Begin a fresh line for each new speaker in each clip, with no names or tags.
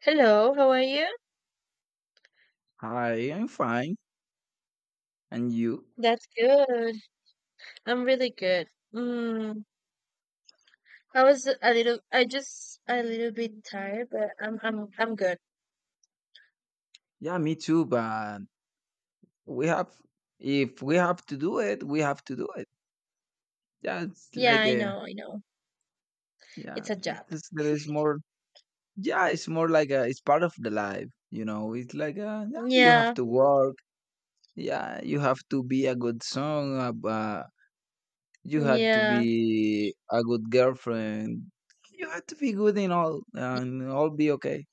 Hello, how are you?
Hi, I'm fine. And you?
That's good. I'm really good. Mm, I was a little, I just a little bit tired, but I'm good.
Yeah, me too, but we have, if we have to do it, we have to do it. Yeah, it's
Yeah,
like
I
a,
know, I know.
yeah,
It's a job.
it's, there is more, yeah, it's more like a, it's part of the life, it's like a, yeah, you have
Yeah,
to work. Yeah, you have to be a good son. You had to
yeah,
be a good girlfriend. You had to be good in all, and all be okay.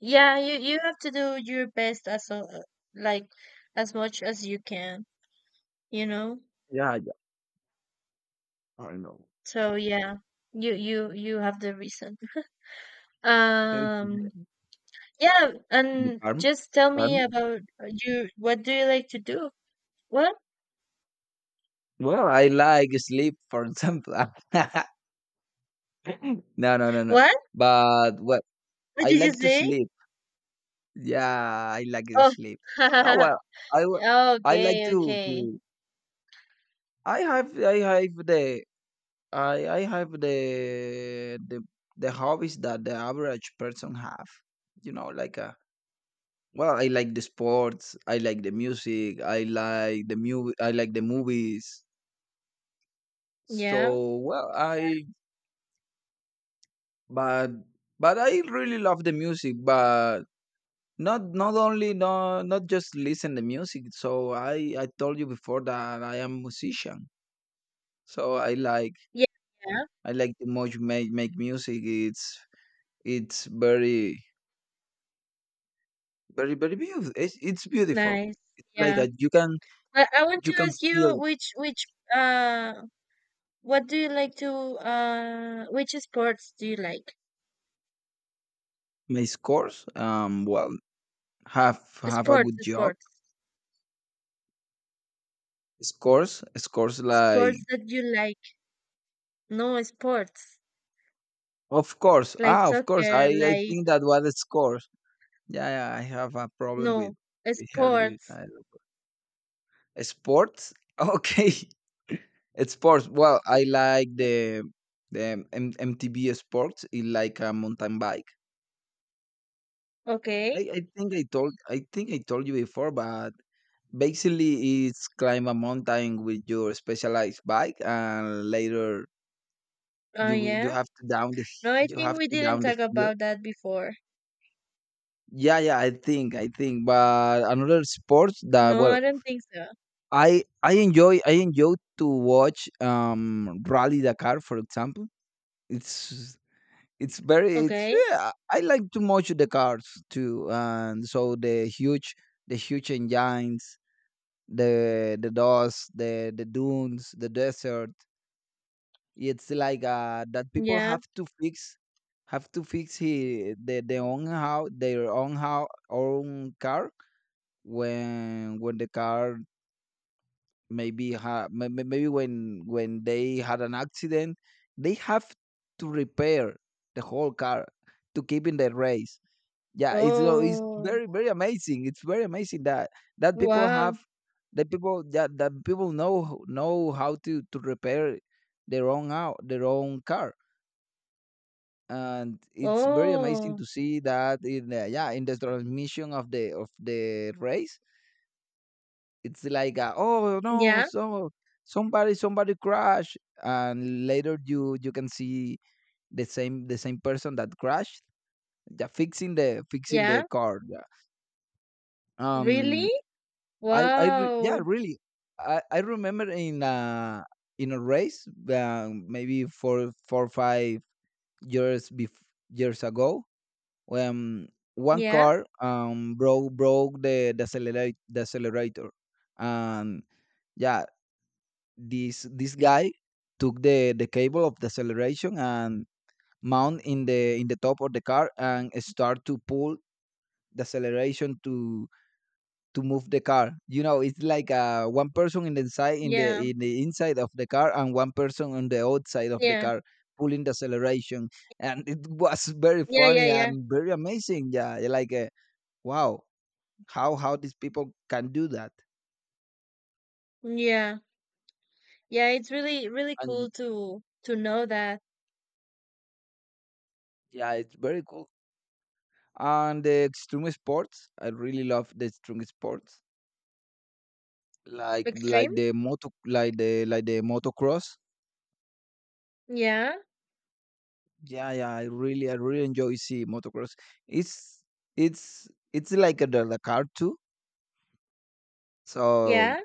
yeah. You have to do your best as a, like as much as you can, you know.
Yeah, yeah, I know.
So yeah, you have the reason.
It's
Um, yeah, and
karma,
just tell
karma.
me about you. What do you like to do? What?
Well, I like sleep, for example. No, no, no, no.
What?
But well,
What
I
did you
like to
say?
sleep. Yeah, I like to
Oh,
sleep. No, well, I wa- I like
okay,
to
okay.
to. I have the I I have the the the hobbies that the average person have. You know, like well, I like the sports. I like the music. I like the mu. I like the movies.
Yeah,
So well, I but but I really love the music, but not only not just listen the music. So I told you before that I am musician. So I like
yeah, yeah.
I like to much make music. It's it's very very very beautiful. It's beautiful.
Nice.
It's like
Yeah.
a, you can
I want
you
to
can
ask
feel
you which uh what do you like to which sports do you like?
my scores. Well, have a
Sports,
good job.
sports.
Scores
Sports
like
that you like. No sports.
of course
Like
ah of course I
soccer,
I
like
think that what is scores. Yeah, yeah, I have a problem with
no
her. You,
sports.
I, don't- Sports? Okay, it's sports. Well, I like the MTB sports. It's like a mountain bike.
Okay.
I think I told I think I told you before, but basically it's climb a mountain with your specialized bike, and later
Oh
you
yeah.
have to down the
No, I think we didn't talk
hill.
about that before.
Yeah, yeah, I think. But another sports that
No,
well
I don't think so.
I enjoy to watch Rally Dakar, for example. It's it's very it's
Okay.
yeah I like to watch the cars too, and so the huge engines, the dust, the dunes, the desert. It's like that people
Yeah.
have to fix, the their own how own car. When the car, maybe ha- may- maybe when they had an accident, they have to repair the whole car to keep in the race. Yeah, it's
Oh,
very very amazing. It's very amazing that that people
wow.
have that people that, that people know how to repair their own car. And it's very amazing
Oh,
to see that in the transmission of the race. It's like a, oh no.
yeah,
So somebody crashed, and later you can see the same person that crashed, yeah, fixing the
yeah.
car. Yeah.
Really?
Um,
Wow.
really, I remember in a race, maybe four or five years bef- years ago, when one
Yeah,
car broke the accelerator. And yeah, this guy took the cable of the acceleration and mount in the top of the car and start to pull the acceleration to move the car. It's like one person in the inside in the
yeah,
in the inside of the car, and one person on the outside of the
yeah,
car pulling the acceleration. And it was very
yeah, yeah,
funny
yeah,
and very amazing. Yeah, like wow, how these people can do that.
yeah. Yeah, it's really, really
And
cool to know that
yeah, it's very cool. And the extreme sports, I really love the extreme sports, like like
extreme.
the moto like the like the motocross.
Yeah,
Yeah, yeah, I really enjoy see motocross. It's it's it's like a, the car too. So
yeah.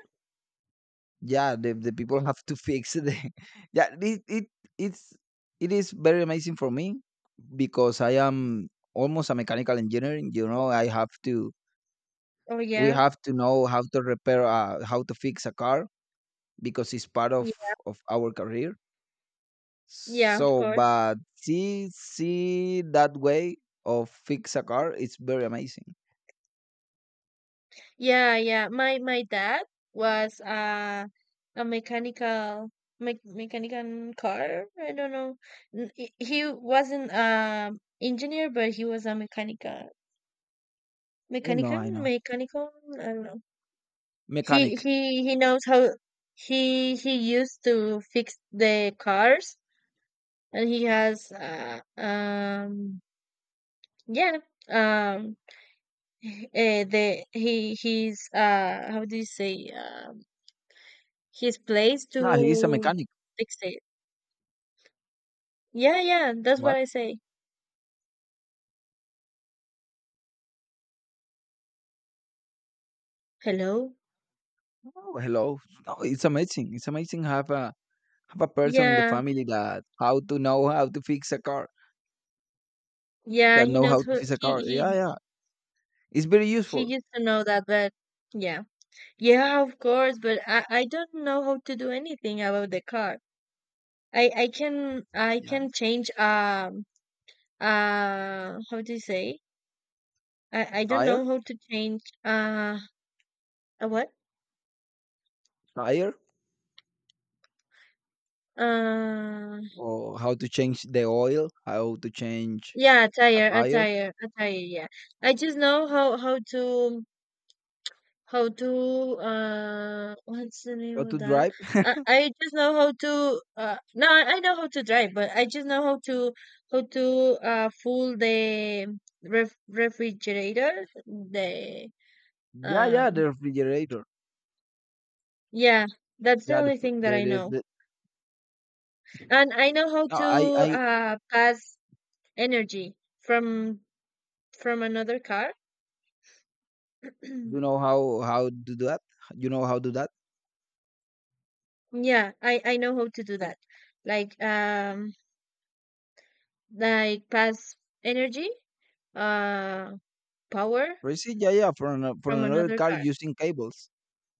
yeah, the people have to fix it. Yeah, it's it is very amazing for me because I am almost a mechanical engineer. I have to
Oh,
We
yeah,
have to know how to repair how to fix a car because it's part of
yeah,
our career.
yeah. Of
So,
course.
but see that way of fix a car, it's very amazing.
Yeah, yeah. My dad was a mechanical me mechanical car. I don't know. He wasn't engineer, but he was a mechanical
I know,
mechanical
I know.
mechanical. I don't know. He
Mechanic,
he he knows how he used to fix the cars, and he has yeah, um the he's how do you say his place
yeah, he's a
to
mechanic.
dictate. Yeah, yeah, that's what
What?
I say. Hello?
Oh, hello. No, it's amazing. It's amazing have a person in the
Yeah,
family that how to know how to fix a car,
yeah,
that
he
know
knows
how to
who
fix a
he
car. Yeah,
he
yeah, it's very
he
useful.
used to know that, but yeah. Yeah, of course, but I don't know how to do anything about the car. I I can I
Yeah.
can change how do you say? I don't
Tire,
know how to change a what?
tire,
Uh
or how to change the oil, how to change
yeah, a
a
tire, a
tire,
tire, a tire, yeah. I just know how to what's the
how
name of
to
that
drive.
I just know how to no I know how to drive but I just know how to fool the refrigerator the
Yeah, yeah, the
um
refrigerator.
yeah, that's the
Yeah, the
only
fr-
thing that I know
the
and I know how
No,
to
I
pass energy from from another car
you know how to do that. You know how to do that.
yeah I know how to do that, like um like pass energy uh Power
Freeze. Yeah, yeah, for for
from
another
another
car
car.
using cables.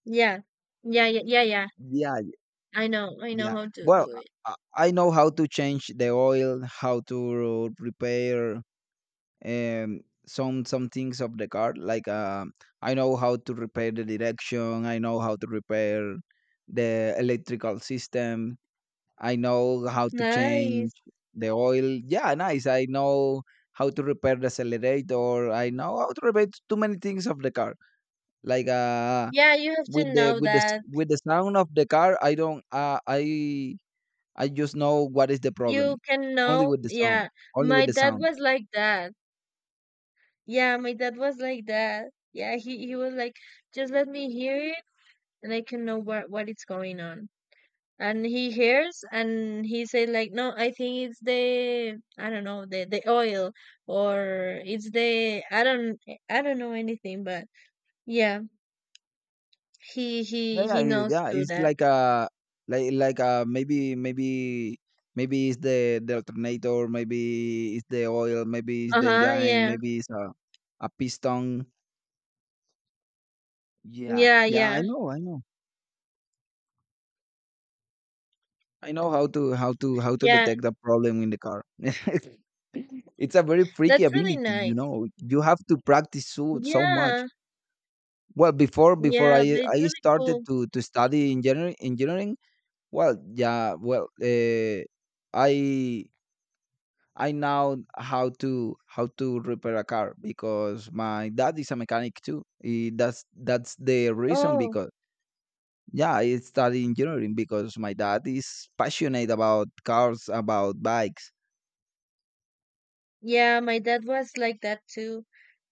Yeah. Yeah, yeah, yeah, yeah.
Yeah,
I know. I know
yeah.
how to
Well,
do it.
I know how to change the oil, how to repair um some things of the car. Like I know how to repair the direction. I know how to repair the electrical system. I know how to change
Nice.
the oil. Yeah, nice. I know how to repair the accelerator. I know how to repair too many things of the car. Like
Yeah, you have to
with the
know that.
sound of the car, I don't. I just know what is the problem.
You can
Only
know.
with the sound.
Yeah.
Only
My
with the
dad
sound.
was like that. Yeah, my dad was like that. Yeah, he was like, "Just let me hear it and I can know what it's going on." And he hears and he said like, "No, I think it's the I don't know, the oil or it's the I don't know anything, but yeah. He
Yeah,
he
yeah,
he knows
yeah.
too
It's
that.
like a, like maybe it's the alternator. Maybe it's the oil. Maybe it's the
Uh-huh,
engine.
yeah.
Maybe it's a piston. Yeah,
Yeah,
yeah,
yeah.
I know, I know, I know how to
Yeah.
detect the problem in the car. It's a very freaky
That's really
ability, you
nice.
know. You have to practice so much.
Yeah.
Well, before
Yeah,
I
but it's
I
really
started
cool.
to study engineering. Well, yeah, well, I I know how to repair a car because my dad is a mechanic too. That's the reason
Oh,
because, yeah, I studied engineering because my dad is passionate about cars, about bikes.
yeah, my dad was like that too.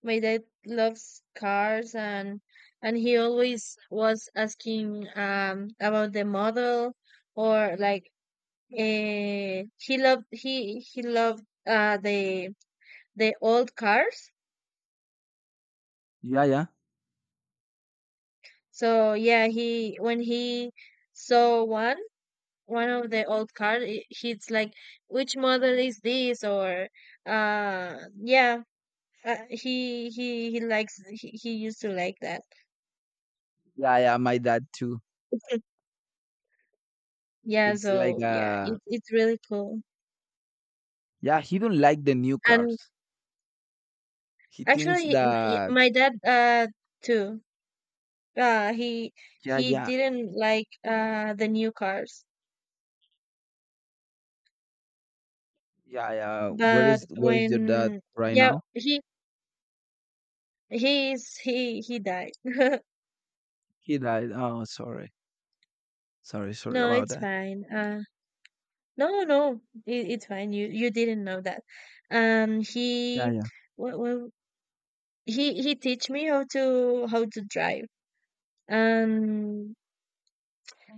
My dad loves cars and he always was asking about the model or like he loved the old cars.
Yeah, yeah,
So yeah, he when he saw one of the old cars he's like, which model is this, or uh yeah, he likes he used to like that.
yeah, yeah. My dad too.
Yeah,
It's like
so yeah, it's really cool,
yeah, he don't like the new
and
cars. He thinks
actually
that,
my dad too, uh he
yeah,
he
yeah,
didn't like the new cars
yeah, yeah. Where
but
is where is your dad
when,
right
yeah,
now?
he he's he died.
He died. Oh, sorry, sorry, sorry
No,
about
it's
that.
fine, no, no, no, it's fine. You didn't know that.
Yeah,
He,
yeah.
well, he teach me how to drive. Um,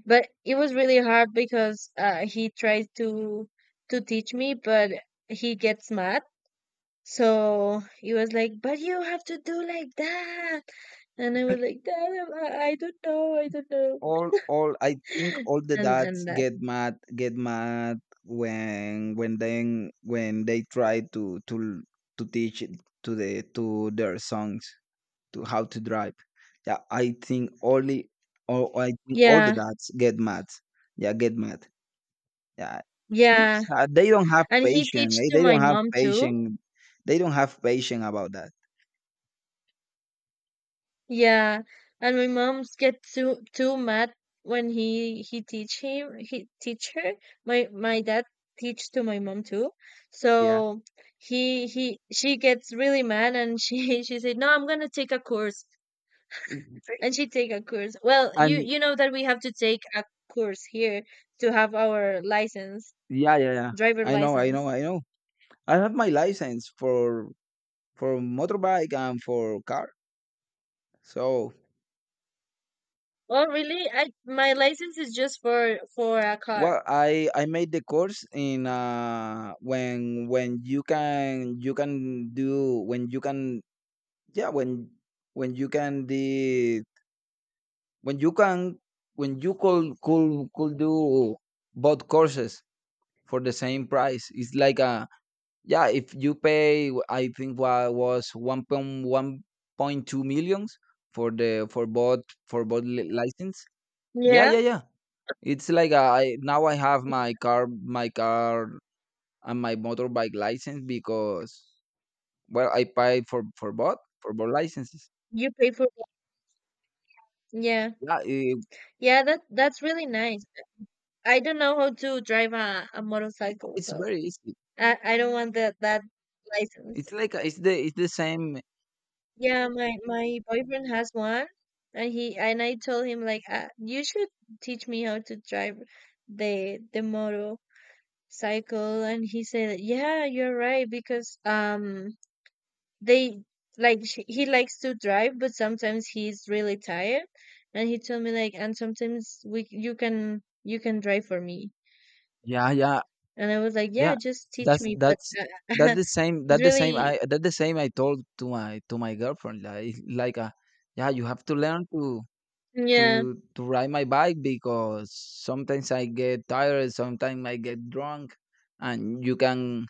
but it was really hard because he tried to teach me, but he gets mad. So he was like, "But you have to do like that," and I was like, "Dad, I don't know, I don't know,"
all I think all the
and
dads
and that.
get mad, when then when they try to teach it to their sons to how to drive. Yeah, I think only, all I think all the
Yeah,
dads get mad, yeah, get mad, yeah. He-
yeah,
they don't have
and he
patience,
teach to
they
my
don't have
mom too.
patience, they don't have patience about that.
Yeah, and my mom's get too mad when he teach him, he teach her. My dad teach to my mom too.
Yeah.
So he she gets really mad, and she she said, "No, I'm gonna take a course."
Mm,
And
thank
she
you.
take a course. Well, you
And
you know that we have to take a course here to have our license,
yeah yeah, yeah,
driver
I know, I
license.
know, I know. I have my license for motorbike and for car. So
Oh, really? I My license is just for a car.
well, I made the course in when you can do, when you can yeah when you can when you can when you could do both courses for the same price. It's like a, yeah, if you pay, I think what was 1.1, point two millions for the for both, for both license. Yeah,
Yeah,
yeah, yeah. It's like, I have my car, and my motorbike license because, well, I pay for for both licenses.
you pay for. Yeah.
Yeah,
Yeah, that's really nice. I don't know how to drive a motorcycle,
it's
so
very easy.
I don't want that license.
It's like it's the same.
Yeah, my boyfriend has one, and he and I told him like, you should teach me how to drive the motorcycle, and he said, yeah, you're right, because they he likes to drive, but sometimes he's really tired, and he told me like, and sometimes we you can drive for me.
Yeah, yeah,
And I was like, "Yeah,
yeah.
just teach
That's
me." But
that's that the same,
it's really,
that the same I told to my girlfriend, like it's like a, yeah, you have to learn to
yeah,
to ride my bike because sometimes I get tired, sometimes I get drunk, and you can...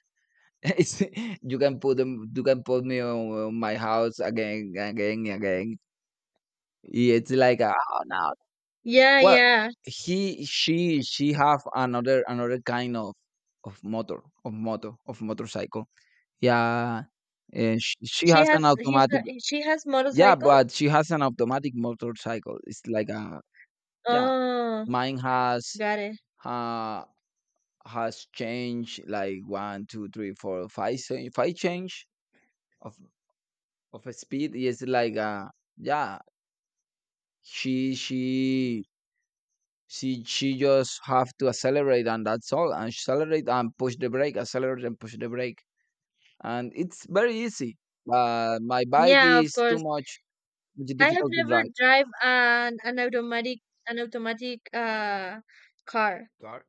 It's you can put me on, my house again, again, again. It's like oh no.
yeah,
Well,
yeah.
she have another kind of of motorcycle. Yeah, and she has an automatic.
She has
Yeah,
motorcycle.
but she has an automatic motorcycle. It's like a, yeah.
Oh,
Mine
got it.
uh has changed, like one, two, three, four, five, five change of a speed. Is like yeah she she she just have to accelerate and that's all, and accelerate and push the brake, accelerate and push the brake, and it's very easy. But my bike
Yeah, of
is too
course.
much
I have
difficult to
never
drive.
drive an automatic car.
Got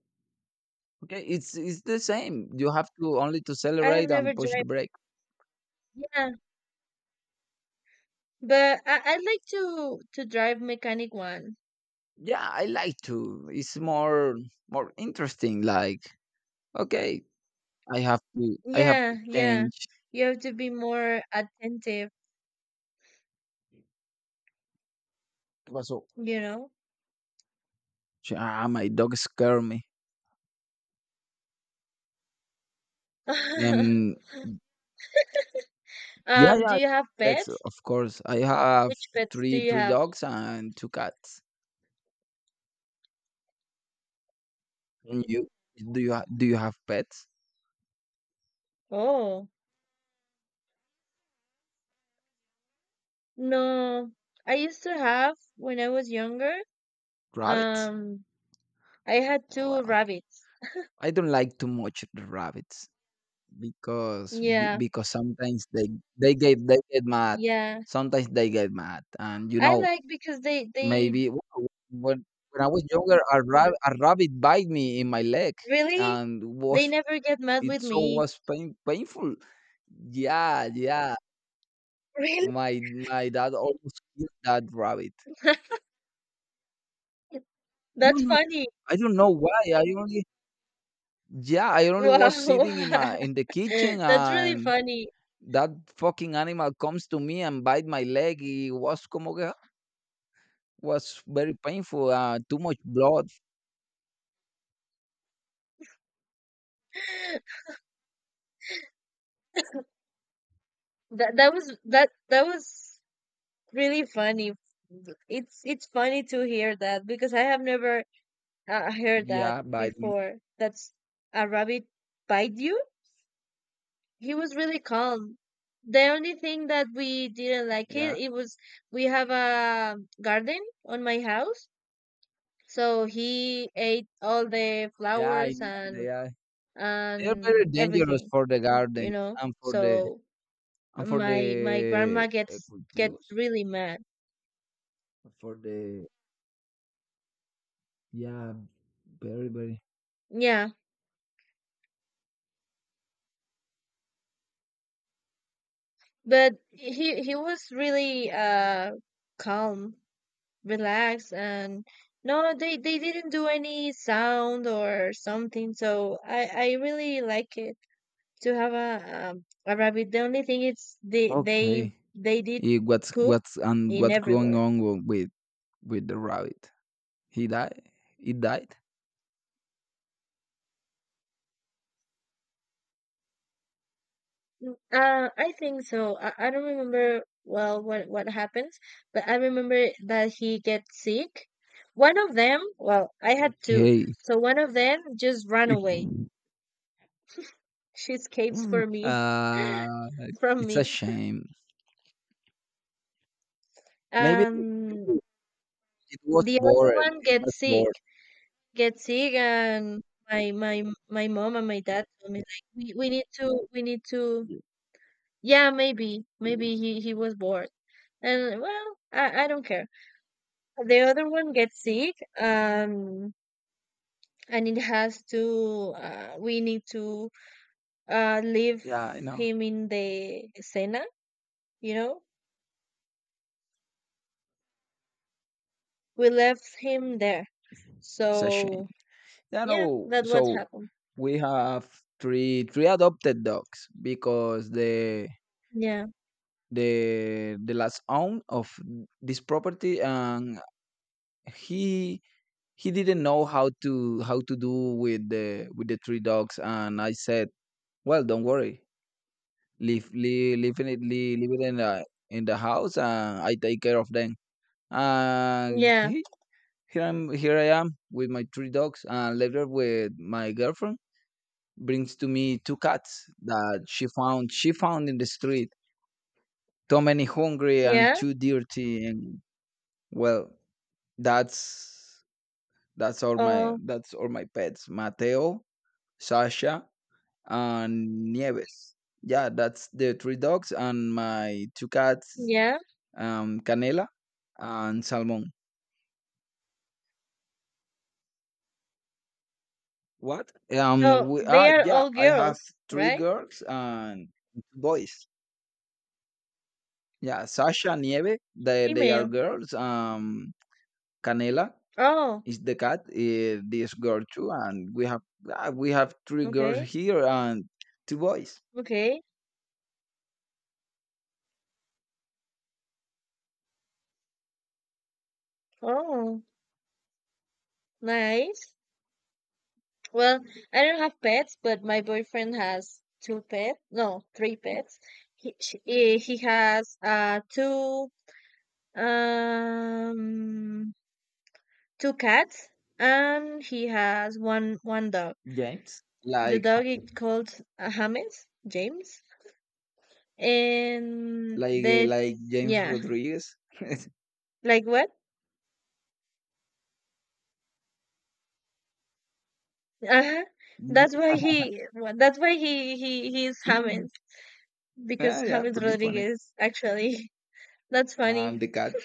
okay, it's the same. You have to only to
I have
accelerate
never
and push
drive.
the brake.
Yeah, but I like to drive mechanic one.
Yeah I like to It's more interesting, like, okay, I have to,
Yeah, yeah.
change.
You have to be more attentive,
What's up?
you know.
Ah, my dog scared me. Um, yeah,
Do
yeah,
you have
pets,
pets?
of course. I have
Which pets do you
three
have?
dogs and two cats. And you, do you have pets?
Oh, no. I used to have when I was younger.
Rabbits?
Um, I had two
Well,
rabbits.
I don't like too much the rabbits because
Yeah,
because sometimes they they get mad.
yeah.
Sometimes they get mad, and you
I
know
like because they
maybe when when I was younger, a a rabbit bite me in my leg,
really
and
they
was
never get mad with
it so
me.
was painful. Yeah, yeah.
Really?
My dad almost killed that rabbit. I
That's
don't know.
funny.
I don't know why. I only yeah. I only was
Wow.
sitting in my in the kitchen
That's really
and
funny.
that fucking animal comes to me and bite my leg. It was como que was very painful. Too much blood.
That was really funny. It's funny to hear that because I have never I heard that
Yeah, bite me.
before. That's a rabbit bite you? He was really calm. The only thing that we didn't like it,
Yeah,
was we have a garden on my house, so he ate all the
yeah. I
flowers
know they
and
are. They are very
and
dangerous
everything,
for the
you
gardens
know.
and for
So my
the
grandma gets
cultivos
really mad.
for the yeah. Very very
Yeah, but he was really calm, relax, and no, they didn't do any sound or something, so I really like it to have a rabbit. The only thing is they they
okay.
they did
What's
poop
what's and
in
what's going
everywhere.
on with the rabbit? He died. He died.
I think so, I don't remember well what happens, but I remember that he gets sick, one of them, well, I had two,
Hey,
so one of them just ran away, she escapes for me
uh,
from
it's a
me
shame. Maybe
um
it was
The other
bored.
one
It was bored.
gets sick, and my my my mom and my dad told me like we need to yeah, maybe he was bored, and well, I don't care. The other one gets sick, um, and it has to, we need to leave
Yeah, I know.
him in the cena, you know. We left him there,
It's a shame.
so
Yeah,
yeah,
no.
that what
So
happened.
we have three adopted dogs because the
Yeah,
the the last own of this property, and he he didn't know how to do with the three dogs, and I said, well, don't worry, leave it in the house and I take care of them. And
yeah,
here I'm here I am with my three dogs. And later, with my girlfriend brings to me two cats that she found in the street, too many hungry and
yeah.
too dirty. And well, that's that's all my
Oh,
that's all my pets: Mateo, Sasha, and Nieves. Yeah, that's the three dogs. And my two cats,
yeah.
Canela and Salmon. What?
So they are all
I have
girls,
three
right?
girls and two boys. Yeah, Sasha and Nieve, they are
Female.
girls. Canela
Oh,
is the cat, this girl too. And we have we have three girls
okay.
here and two boys.
Okay. Oh, nice. Well, I don't have pets, but my boyfriend has two pets. No, three pets. He has um two cats, and he has one dog.
James.
The
Like
dog is called James, James, and
like
the,
like James
yeah,
Rodriguez.
like what? Uh-huh. That's why he. Well, that's why he's James, because
Yeah, yeah,
James
pretty funny.
Rodriguez actually. That's funny.
And the cat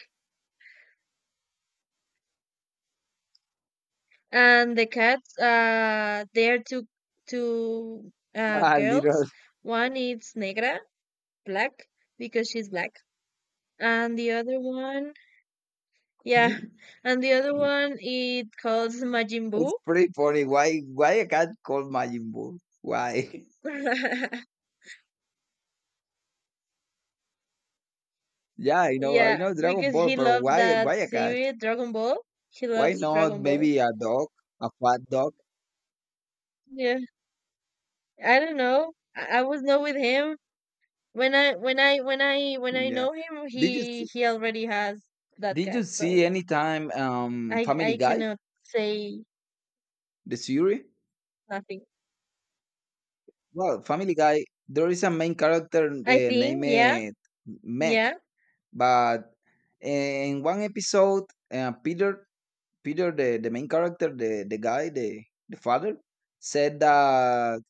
And the cats. They are two
ah, little
girls. One is negra, black because she's black, and yeah, the other one it calls Majin Buu.
it's pretty funny. Why a cat called Majin Buu? Why? Yeah, I
Yeah,
know Dragon
because
Ball,
he
but
loves
why
that
why a cat?
series Dragon Ball. He
Why
loves
not
Dragon Ball.
maybe a dog, a fat dog?
Yeah. I don't know. I was not with him when I
Yeah.
know him.
Did you
He
see,
he already has that
did you
cat,
see
so
any time
I
Family Guy
cannot say
the series?
nothing.
Well, Family Guy, there is a main character,
I think, yeah,
named Mac.
yeah,
But in one episode, Peter, the main character, the guy, the father, said that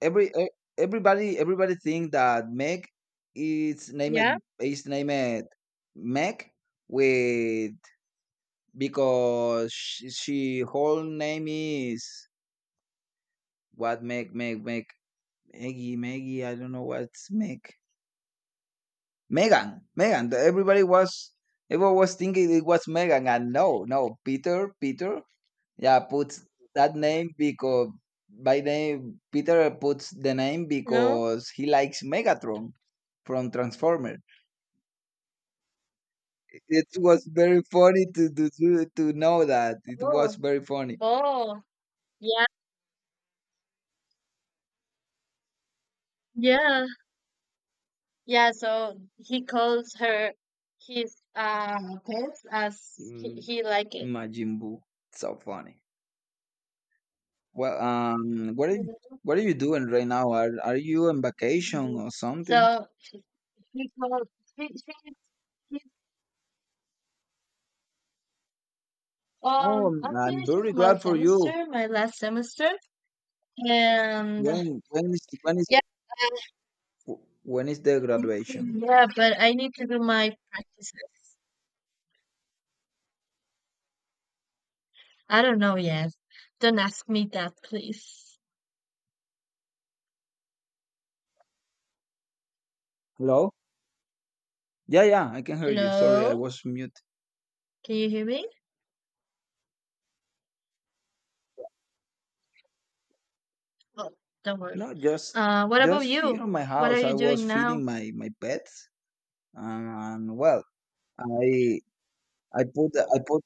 everybody think that Meg is
yeah,
named Meg with, because she whole name is what, Meg, Maggie, I don't know what's Meg, Megan. Everybody was Everyone was thinking it was Megan. And no, no, Peter, yeah, puts that name because by name Peter puts the name
no,
because he likes Megatron from Transformer. It was very funny to know that. It was
oh,
very funny.
oh, yeah, yeah, yeah. So he calls her his pets as he,
Mm,
he like it.
Majin Buu, so funny. Well, what are you doing right now? Are you on vacation or something?
So she calls she, she.
Oh,
I'm
I'm
finishing
very
my
glad for you.
semester, my last semester, and
When when is when is
yeah,
when is the graduation?
yeah, but I need to do my practices. I don't know yet. Don't ask me that, please.
Hello. Yeah, yeah, I can hear you. Sorry, I
Hello?
was mute.
Can you hear me? Oh, don't worry.
No,
What about
just here
you?
in my
What are
house,
you
I was
doing now?
feeding my pets. And well, I I put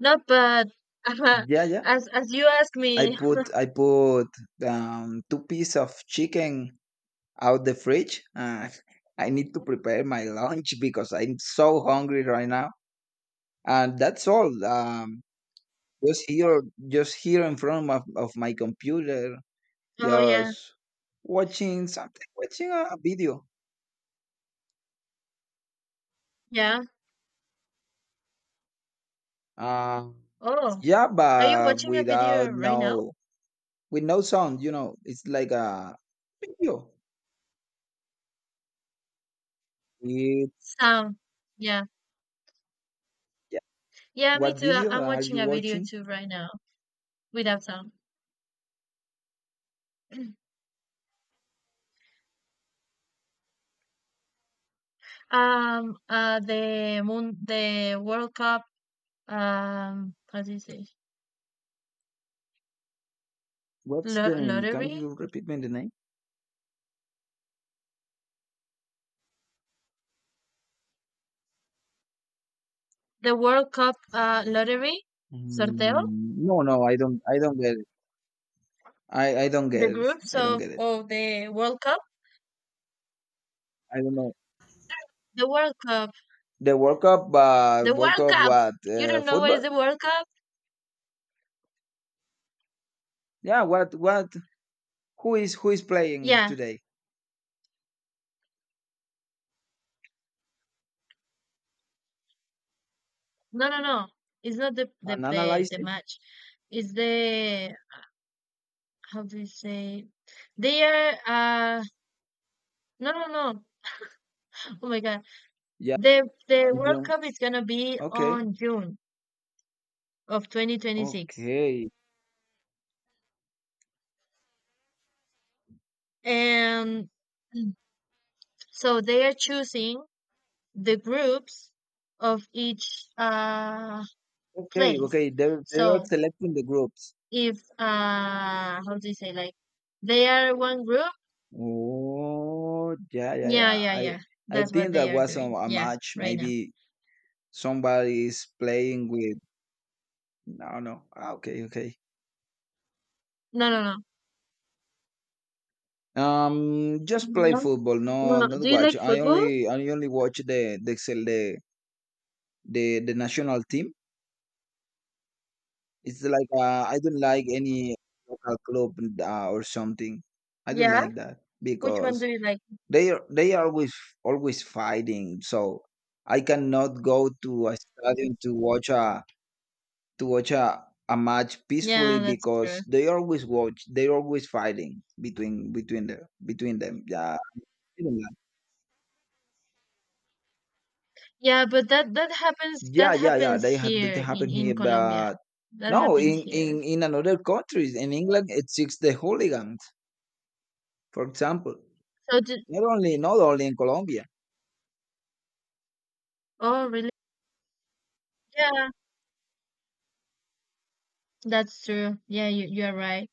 No, but
yeah yeah
as you asked me.
I put two pieces of chicken out the fridge. I need to prepare my lunch because I'm so hungry right now. And that's all. Just here, just here in front of my computer,
Oh yeah,
just watching something, watching a video.
yeah.
Um,
Oh,
yeah,
are you
but
watching a video right now?
with no sound, you know. It's like a video. It,
Sound. Yeah.
yeah.
Yeah, me
What
too.
video
I'm
are
watching
you
a video
watching?
too right now. Without sound. The moon, the World Cup. How do you say?
What's
Lo-
the name? Can
lottery.
you repeat me the name?
The World Cup. Lottery. Sorteo.
Mm, no, no, I don't. I don't get it. I don't
The
get it.
groups
I don't
of
get it.
of the World Cup.
I don't know
The World Cup.
the World Cup. But
The
World
World
Cup,
Cup.
what,
You don't know what is
football?
the World Cup?
Yeah, what? Who is playing
Yeah.
today?
No, no, no. It's not the the
An
the, the
analysis?
match. It's the, how do you say? They are. Uh, no, no, no. Oh my God.
Yeah,
The
on
World
Zoom.
Cup is gonna be
Okay,
on June. Of 2026.
okay.
And so they are choosing the groups of each
Okay,
place.
okay. They are
So
selecting the groups.
if, how do you say, like they are one group?
Oh, yeah, yeah,
Yeah,
yeah.
yeah, yeah.
I
That's what
think
they
that
are
was
doing.
a
Yeah,
match.
right now.
Maybe somebody is playing with. No, no. Ah, okay, okay.
No, no, no.
Just
Someone
play
else?
football. No,
No. Do
not
you
watch.
like football?
I only watch the national team. It's like I don't like any local club, or something. I don't
Yeah.
like that
Which one
because
do you like?
they are always fighting. So I cannot go to a stadium to watch a to watch a, a match peacefully,
Yeah, that's true.
because they always fighting between them. yeah
Yeah, but that that happens
yeah
that
yeah yeah,
happens
they had that
here in
happen
in
here.
Colombia.
But
That
no,
happens
in
here.
another countries, in England it seeks the hooligans, for example,
So
not only in Colombia.
oh, really? Yeah, that's true. Yeah, you're right.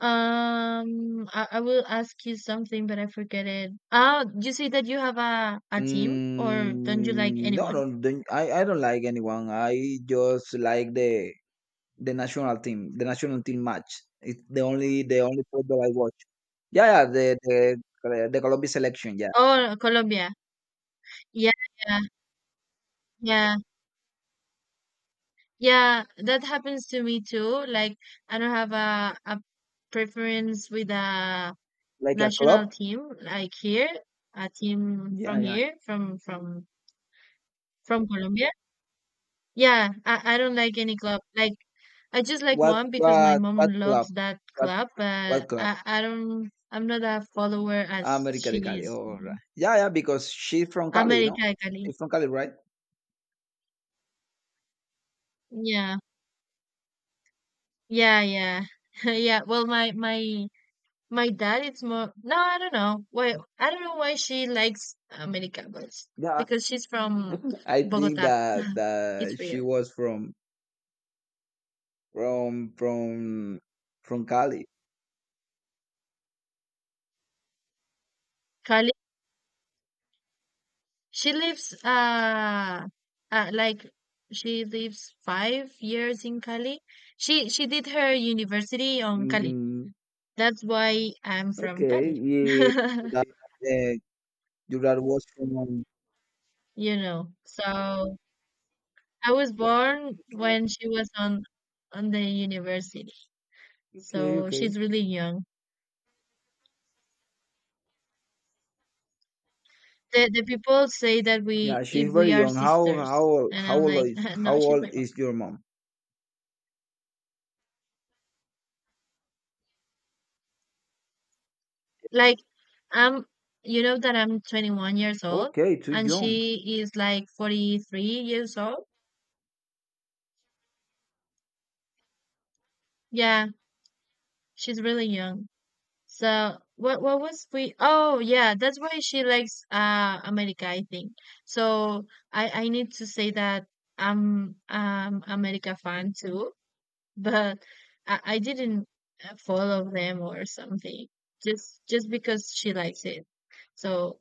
I will ask you something, but I forget it. Ah, you say that you have a team, or don't you like
Mm, no, no,
anyone?
I don't like anyone. I just like the national team match. It's the only football I watch. Yeah, yeah, the Colombia selection. Yeah,
Oh, Colombia. Yeah, yeah, yeah, yeah. That happens to me too. Like, I don't have a preference with a
like a
national
club.
team. Like here, a team
Yeah,
from
yeah.
here, from from Colombia. Yeah, I don't like any club. Like I just like
What
one because my
what
mom
what
loves
club?
that
What
club, but
what club?
I'm not a follower as
America de
she
Cali.
is,
Oh,
you
right.
know.
Yeah, yeah. Because she's from Cali, no?
America Cali.
She's from Cali, right?
Yeah. Yeah, yeah. Yeah. Well my dad it's more no, I don't know. Why I don't know why she likes America but
Yeah.
because she's from
I think
Bogota.
that
It's
she
weird.
was from from from from Cali.
She lives like she lives 5 years in Cali. She did her university on Cali.
Hmm.
That's why I'm from
Okay.
Cali.
Yeah. That, uh, Jurard was from.
You know. So I was born when she was on the university.
Okay.
So she's
Okay.
really young. The people say that we
Yeah, she's
if we
very
are
young.
sisters. And I'm like, no,
How
she's
old
my,
is your mom?
like, I'm, you know, that I'm 21 years old
Okay, too
and
young.
she is like 43 years old. Yeah, she's really young. So what was we. Oh yeah, that's why she likes America, I think. So I need to say that I'm America fan too, but I didn't follow them or something. Just because she likes it. So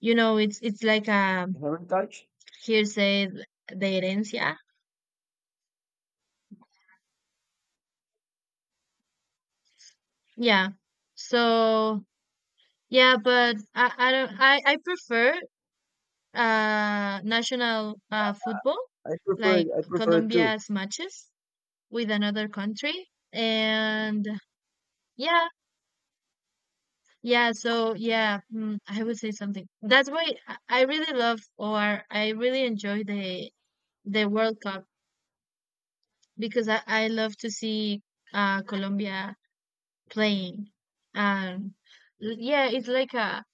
you know it's like a
You haven't touched.
hearsay, said de herencia. Yeah. So yeah, but I don't I prefer national football,
I prefer it.
like
I prefer it too.
Colombia's matches with another country. And yeah, yeah, so yeah, I would say something. That's why I really love or I really enjoy the World Cup because I love to see Colombia playing. And yeah, it's like a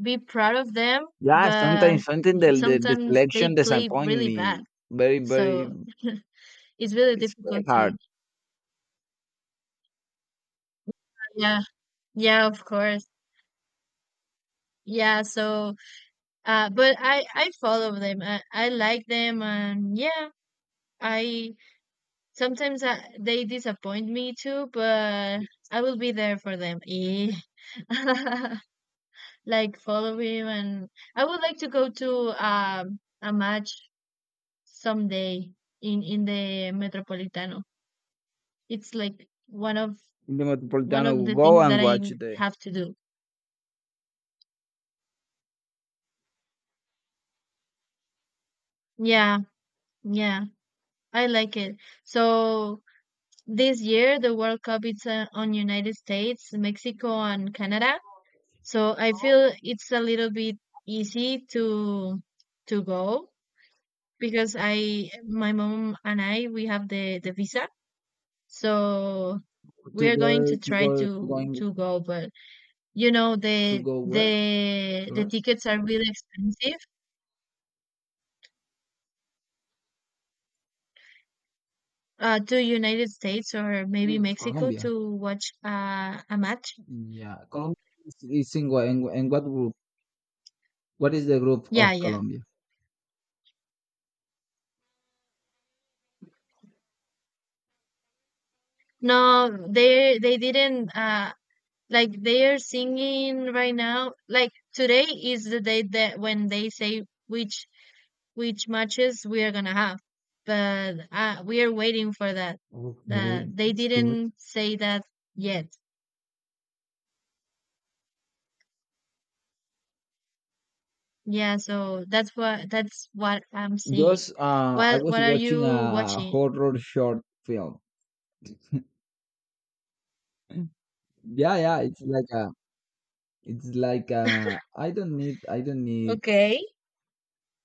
be proud of them,
Yeah,
but
sometimes something, the
sometimes they
selection
play
disappoint
really bad.
me. Very very,
So it's really
it's very
difficult to.
hard.
Yeah, yeah, of course. Yeah, so but I follow them. I like them and yeah, I sometimes they disappoint me too, but I will be there for them. Eh. Like follow him and I would like to go to a match someday in the Metropolitano. It's like
In the
one of
Metropolitano,
the
go
things
and
that I
watch the
have to do. Yeah, yeah, I like it. So this year the World Cup it's on United States, Mexico, and Canada. So I feel it's a little bit easy to go because I my mom and I we have the visa. So
to
we are
go
going to
to
try
go to going
to go, but you know
to
the
go where?
the the
Sorry,
tickets are really expensive. To United States or
I
maybe
believe
Mexico
Colombia.
to watch a match.
Yeah, Colombia is in, in what group? What is the group
Yeah,
of
yeah.
Colombia?
No, they didn't. Like they are singing right now. Like today is the day that when they say which matches we are gonna have. But we are waiting for that. That
Okay,
they
it's good.
didn't say that yet. Yeah, so that's what I'm seeing.
Just I was
What are
watching
you
a
watching?
horror short film. Yeah, yeah, it's like a, it's like a, I don't need, I don't need,
Okay.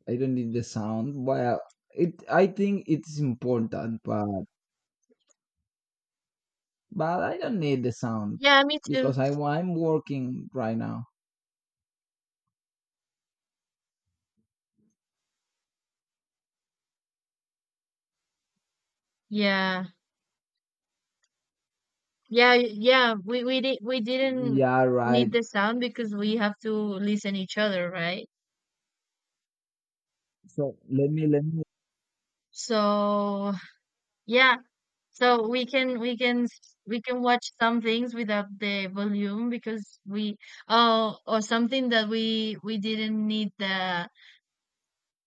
I don't need the sound. Well, I think it's important, but I don't need the sound
Yeah, me too.
because I'm working right now.
Yeah. Yeah, yeah, we didn't
Yeah, right.
need the sound because we have to listen each other, right?
So let me let me.
So yeah, so we can watch some things without the volume because we oh or something that we didn't need the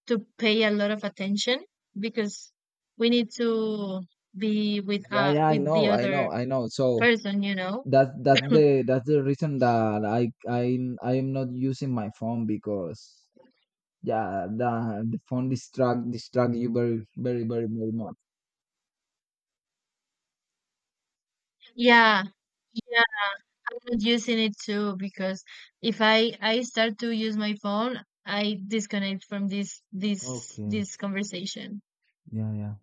to pay a lot of attention because we need to be
Yeah, yeah,
with the other
I know. So
person, you know?
that's the reason that I am not using my phone. Because yeah, the phone distract you very much.
Yeah. Not using it too because if I start to use my phone, I disconnect from this this
Okay.
this conversation.
Yeah, yeah.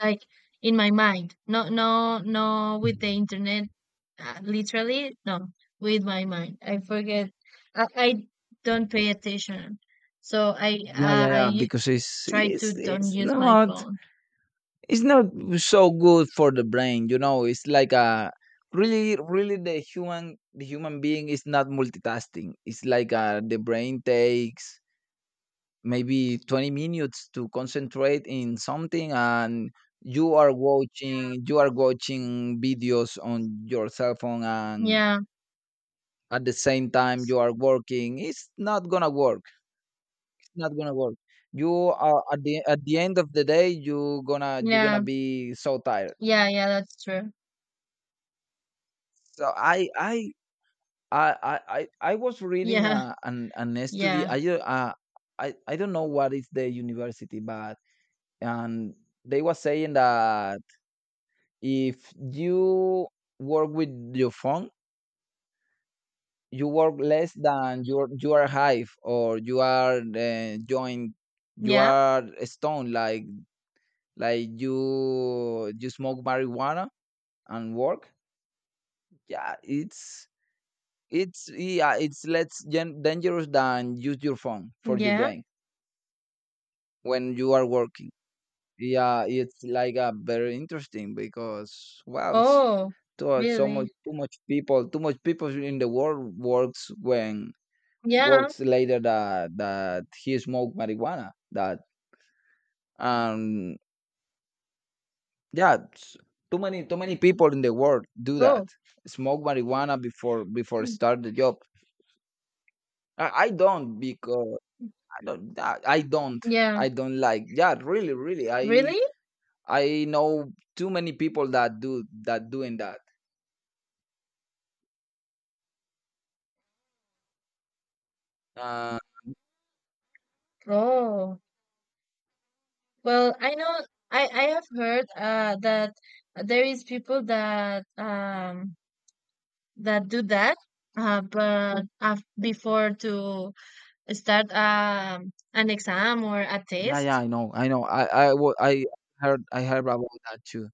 Like in my mind, no no no with the internet, literally no with my mind. I forget. I don't pay attention, so I
Yeah, yeah, yeah. Because
try to don't
it's
use my
not
phone.
it's not so good for the brain. You know, it's like a really the human, the human being is not multitasking. It's like the brain takes maybe 20 minutes to concentrate in something, and you are watching videos on your cell phone, and
Yeah
at the same time you are working. It's not gonna work. it's not gonna work you are at the end of the day, you gonna, you're gonna
yeah
be so tired.
yeah yeah. That's true.
So I was reading
Yeah
a, an study
yeah
I don't know what is the university. But and they were saying that if you work with your phone, you work less than you are hive, or you are, joined. You
yeah
are a stone, like you smoke marijuana and work. yeah it's it's, yeah, it's less dangerous than use your phone for your
yeah.
brain when you are working. Yeah, it's like a very interesting, because wow, it's
Oh
so much,
really?
too much people in the world works when
Yeah.
words later that he smoked marijuana. That um yeah, s- too many people in the world do that.
Oh,
Smoke marijuana before before start the job. I don't because I don't I I don't
yeah.
I don't like yeah really really
Really?
I know too many people that do that doing that. Uh,
Oh. Well, I know I have heard that there is people that that do that but before to start an exam or a
yeah,
test,
I heard, about that too.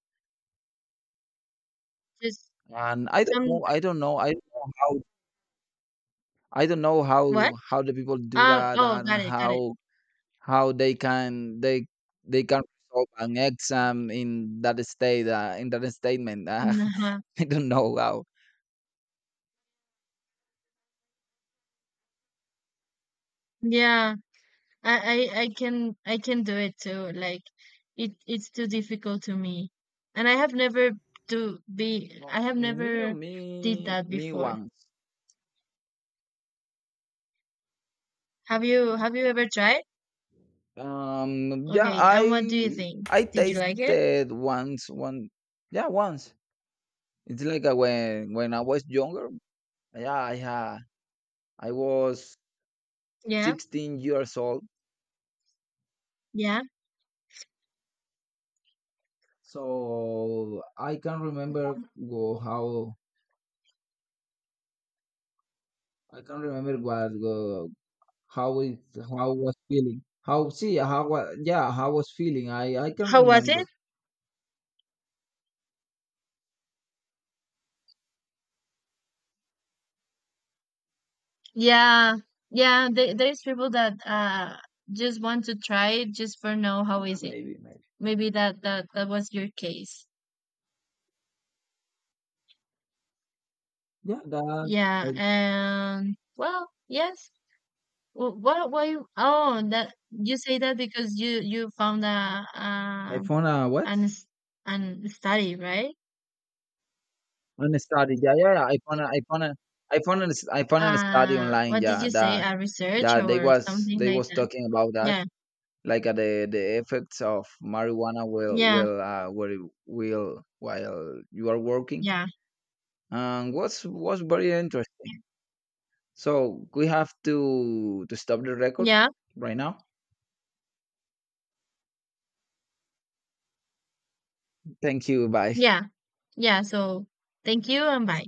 just
And I don't
some
know, how I don't know how
what?
how the people do that,
Oh,
and
got it, got it.
how how they can they they can resolve an exam in that state, in that statement.
Uh-huh.
I don't know how.
Yeah. I can do it too. Like it it's too difficult to me. And I
No,
have never did that
me
before.
once.
Have you ever tried?
Yeah,
Okay, and what do you think?
I
Did you like it?
tasted once one. Yeah, once. It's like when I was younger. Yeah, I was
Yeah.
16 years old.
Yeah.
So I can't remember what, how it, how was feeling? how see how wa- yeah how was feeling? I can't
How was it?
remember.
Yeah. Yeah, there's people that just want to try it just for know how
Yeah,
is it.
maybe maybe.
Maybe that was your case.
Yeah, that's
Yeah, and well, yes. What? Why? Oh, that you say that because you found a
iPhone. What?
an s- an study, right?
On a study. Yeah, yeah, yeah. iPhone, iPhone, iPhone iPhone, and study online.
What did
Yeah,
you say?
that.
A research
Yeah,
or something
they
like
was
that?
talking about that,
Yeah,
like the effects of marijuana
yeah,
will while you are working.
yeah,
And was very interesting. So we have to stop the record
yeah,
right now. Thank you. Bye.
yeah, yeah. So thank you and bye.